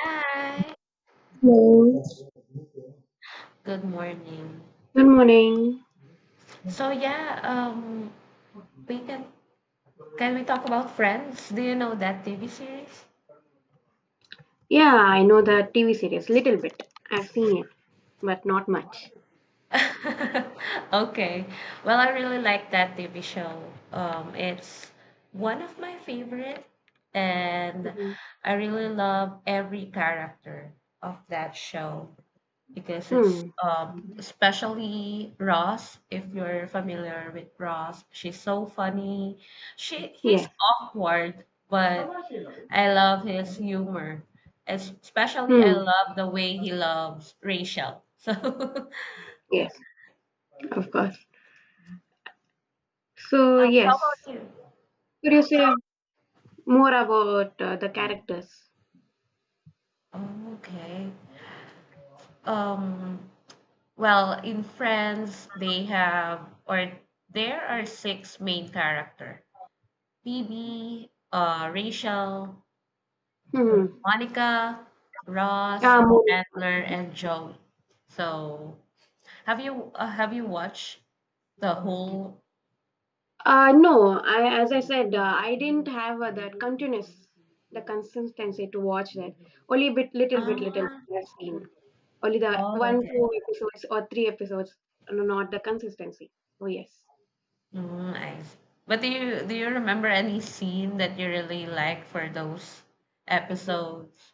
Hi. Hello. Good morning. Good morning. So yeah, um, we can we talk about Friends? Do you know that TV series? Yeah, I know the TV series little bit. I've seen it, but not much. Okay. Well, I really like that TV show. It's one of my favorite, and hmm I really love every character of that show. Because it's Hmm. Especially Ross. If you're familiar with Ross, she's so funny. She He's Yes. awkward, but I love his humor. Especially, I Hmm. love the way he loves Rachel. So, Yes. Of course. So how yes, about you? could you say more about the characters? Oh, okay. Um, well, in Friends, they have or there are six main character: Phoebe, Rachel, Hmm. Monica, Ross, Ah, moving. Chandler, and Joey. So, have you watched the whole? No, as I said, I didn't have that continuous, the consistency to watch that. Only bit, little bit, little Ah, bit I've seen. Only the oh, one, okay. two episodes or three episodes, no, not the consistency. Oh yes, I see. But do you remember any scene that you really like for those episodes?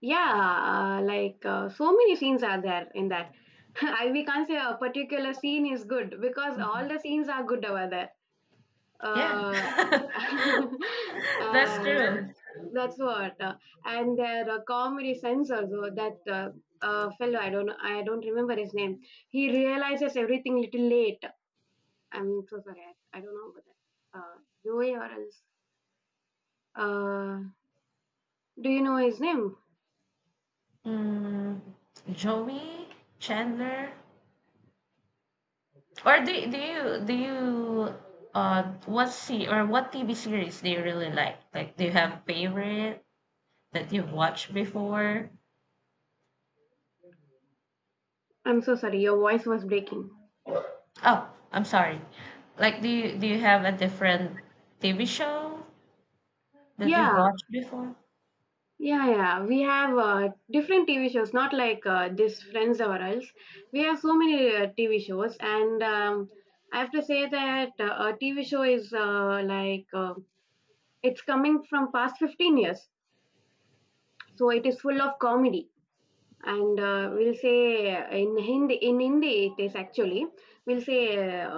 yeah, like so many scenes are there in that. I We can't say a particular scene is good because all the Mhm. scenes are good over there. Yeah, uh, that's uh, true. that's what And their comedy sense also that fellow. I don't know, I don't remember his name. He realizes everything little late. I'm so sorry, I don't know about that, Joey or else. uh, do you know his name? Mm, Joey, Chandler. Or do do you uh what see or what TV series do you really like? Like do you have favorite that you've watched before? I'm so sorry, your voice was breaking. Oh, I'm sorry. Like do you have a different TV show that you've yeah watched before? yeah We have different TV shows, not like this Friends or else. We have so many TV shows, and I have to say that a TV show is like it's coming from past 15 years, so it is full of comedy. We'll say in Hindi it is actually, we'll say,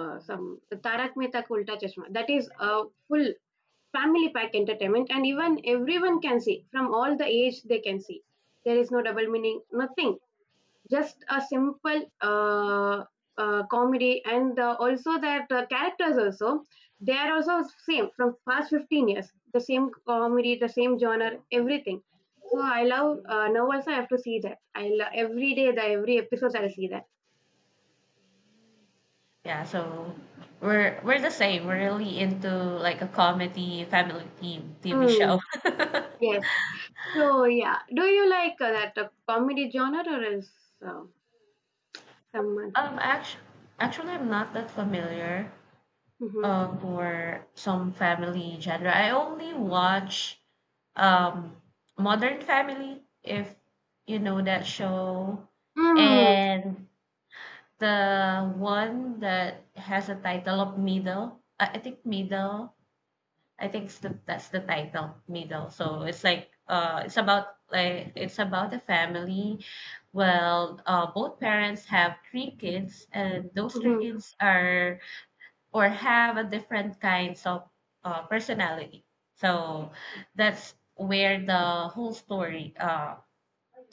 some "Tarak Mehta Ka Ulta Chashma." That is a full family pack entertainment, and even everyone can see, from all the age they can see. There is no double meaning, nothing, just a simple comedy, and also that characters also, they are also same from past 15 years, the same comedy, the same genre, everything. So I love, now also I have to see that. I love every day, the every episode I'll see that. Yeah, so we're the same. We're really into like a comedy family theme TV mm, show. yes. So yeah, do you like that comedy genre, or is uh, someone? Um, actually, Actually, I'm not that familiar. Mm-hmm. For some family genre. I only watch um, Modern Family if you know that show, Mm-hmm. and the one that has a title of Middle. I think Middle. I think that's the title, Middle. So it's about it's about a family. Well, both parents have three kids, and those three Mm-hmm. kids are or have a different kinds of personality. So that's where the whole story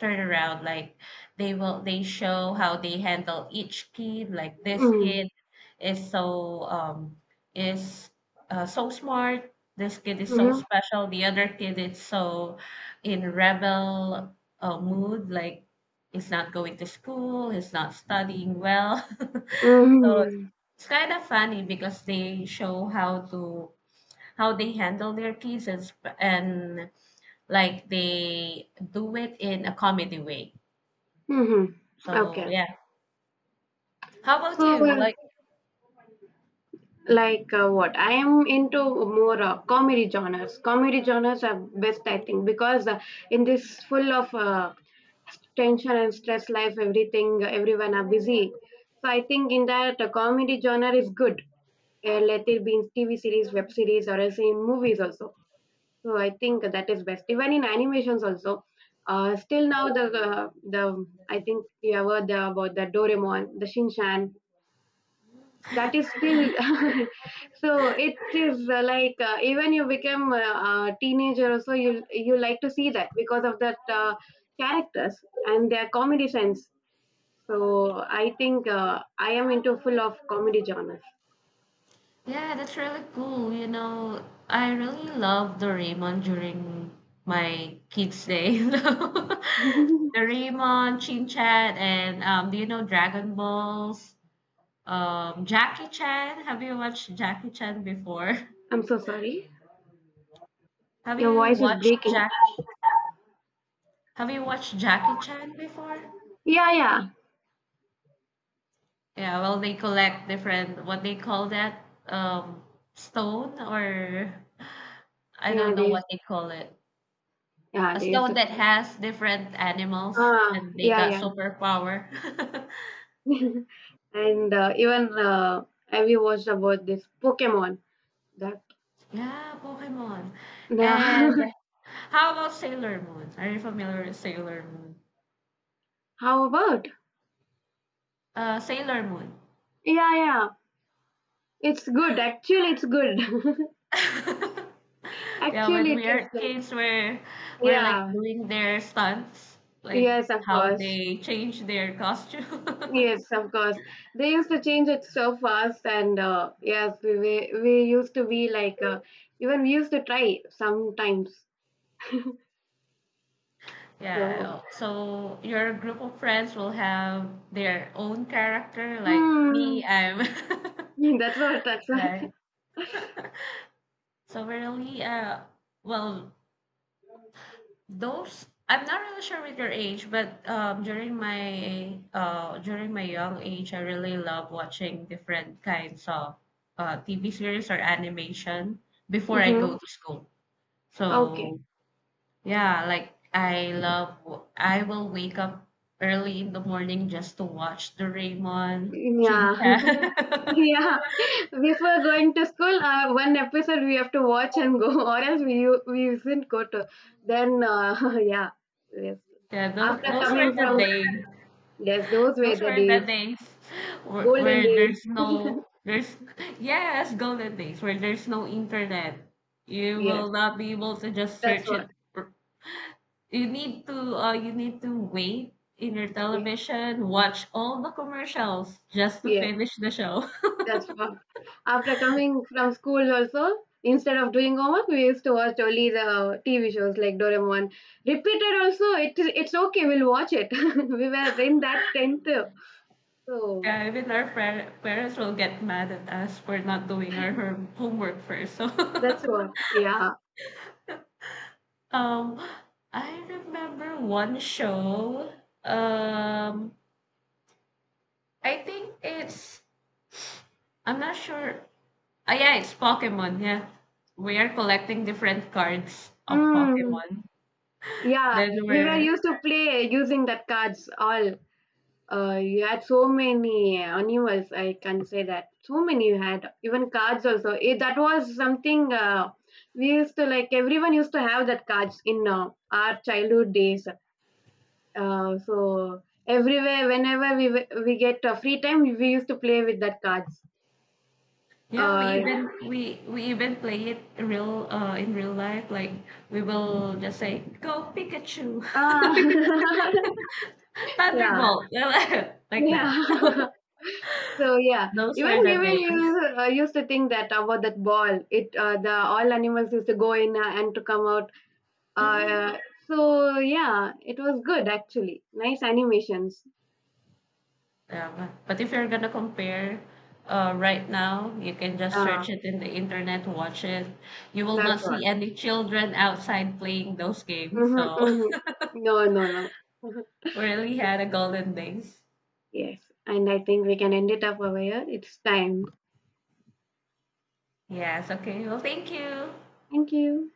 turnaround like they show how they handle each kid. Like this Mm-hmm. kid is so um is so smart, this kid is so Mm-hmm. special, the other kid is so in rebel mood. Like he's not going to school, he's not studying well. so it's, Mm-hmm. it's kind of funny because they show how they handle their kids, and like they do it in a comedy way. Mm-hmm. So Okay. yeah. How about So, you? yeah. Like Like what? I am into more comedy genres. Comedy genres are best, I think, because in this full of tension and stress life, everything, everyone are busy. So I think in that comedy genre is good. Let it be in TV series, web series, or else in movies also. So I think that is best. Even in animations also. Still now the I think you have heard about the Doraemon, the Shinchan, that is still. So it is like even you become a teenager also, you like to see that because of that characters and their comedy sense. So I think I am into full of comedy genres. yeah, that's really cool. You know, I really love Doraemon during my kids' day. you know. Doraemon, Chin Chan, and do you know Dragon Balls? Jackie Chan. Have you watched Jackie Chan before? I'm so sorry, Have your you voice is watched breaking. Jack? Have you watched Jackie Chan before? yeah yeah Yeah, well, they collect different what they call that stone, or I yeah don't know what they call it. A There's stone a that call. has different animals Ah, and they yeah, got yeah. superpower. And even have you watched about this Pokemon, that? Yeah, Pokemon. Nah And how about Sailor Moon? Are you familiar with Sailor Moon? How about? Sailor Moon. Yeah, yeah. It's good. Actually, it's good. Yeah, Actually, when it we is are like, kids, we're like yeah. doing their stunts, like Yes, of how course. they change their costume. Yes, of course. They used to change it so fast, and yes, we used to be like, even we used to try sometimes. So, Yeah, so your group of friends will have their own character. Like hmm. me, I'm that's what. right. So we're really well those, I'm not really sure with your age, but during my young age, I really love watching different kinds of TV series or animation before I Mm-hmm. go to school. Okay. So yeah, like I love, I will wake up early in the morning just to watch Doraemon, Shin Yeah. Chan. Yeah, before going to school, one episode we have to watch and go, or else we usually go to. Then yeah, yes. Yeah, After those were coming the from days. yes, those were Those the were days, the days golden where days. there's no, there's, yes, golden days where there's no internet. You Yes, will not be able to just that's search it. what. You need to wait in your Yes, television, watch all the commercials just to yes, finish the show. that's what. After coming from school, also instead of doing homework, we used to watch only the TV shows like Doraemon. Repeated also, it is, it's okay. We'll watch it. We were in that tenth, so Yeah, even our parents will get mad at us for not doing our homework first. So, that's what. Yeah. um, I remember one show. Um, I think it's I'm not sure. Ah, yeah, it's Pokemon. Yeah, we are collecting different cards of Mm, Pokemon. yeah, Then we were we're used to play using that cards all. You had so many animals, I can say that. So many you had, even cards also. It, that was something, we used to like, everyone used to have that cards in our childhood days. So everywhere, whenever we get free time, we used to play with that cards. Yeah, Uh, we even play it real in real life. Like we will just say, "Go Pikachu." ah, yeah, Thunderbolt, like that. yeah. So yeah, Those even were the we will names. use, used to think that about that ball. It The all animals used to go in and to come out. Mhm. Uh, so yeah, it was good actually. Nice animations. Yeah, but if you're gonna compare, right now, you can just Uh, search it in the internet, watch it. You will not that's all. see any children outside playing those games. Mm-hmm, So mm-hmm. No, no, no. we really So, had a golden days. yes, and I think we can end it up over here. It's time. Yes. Okay. Well, thank you. Thank you.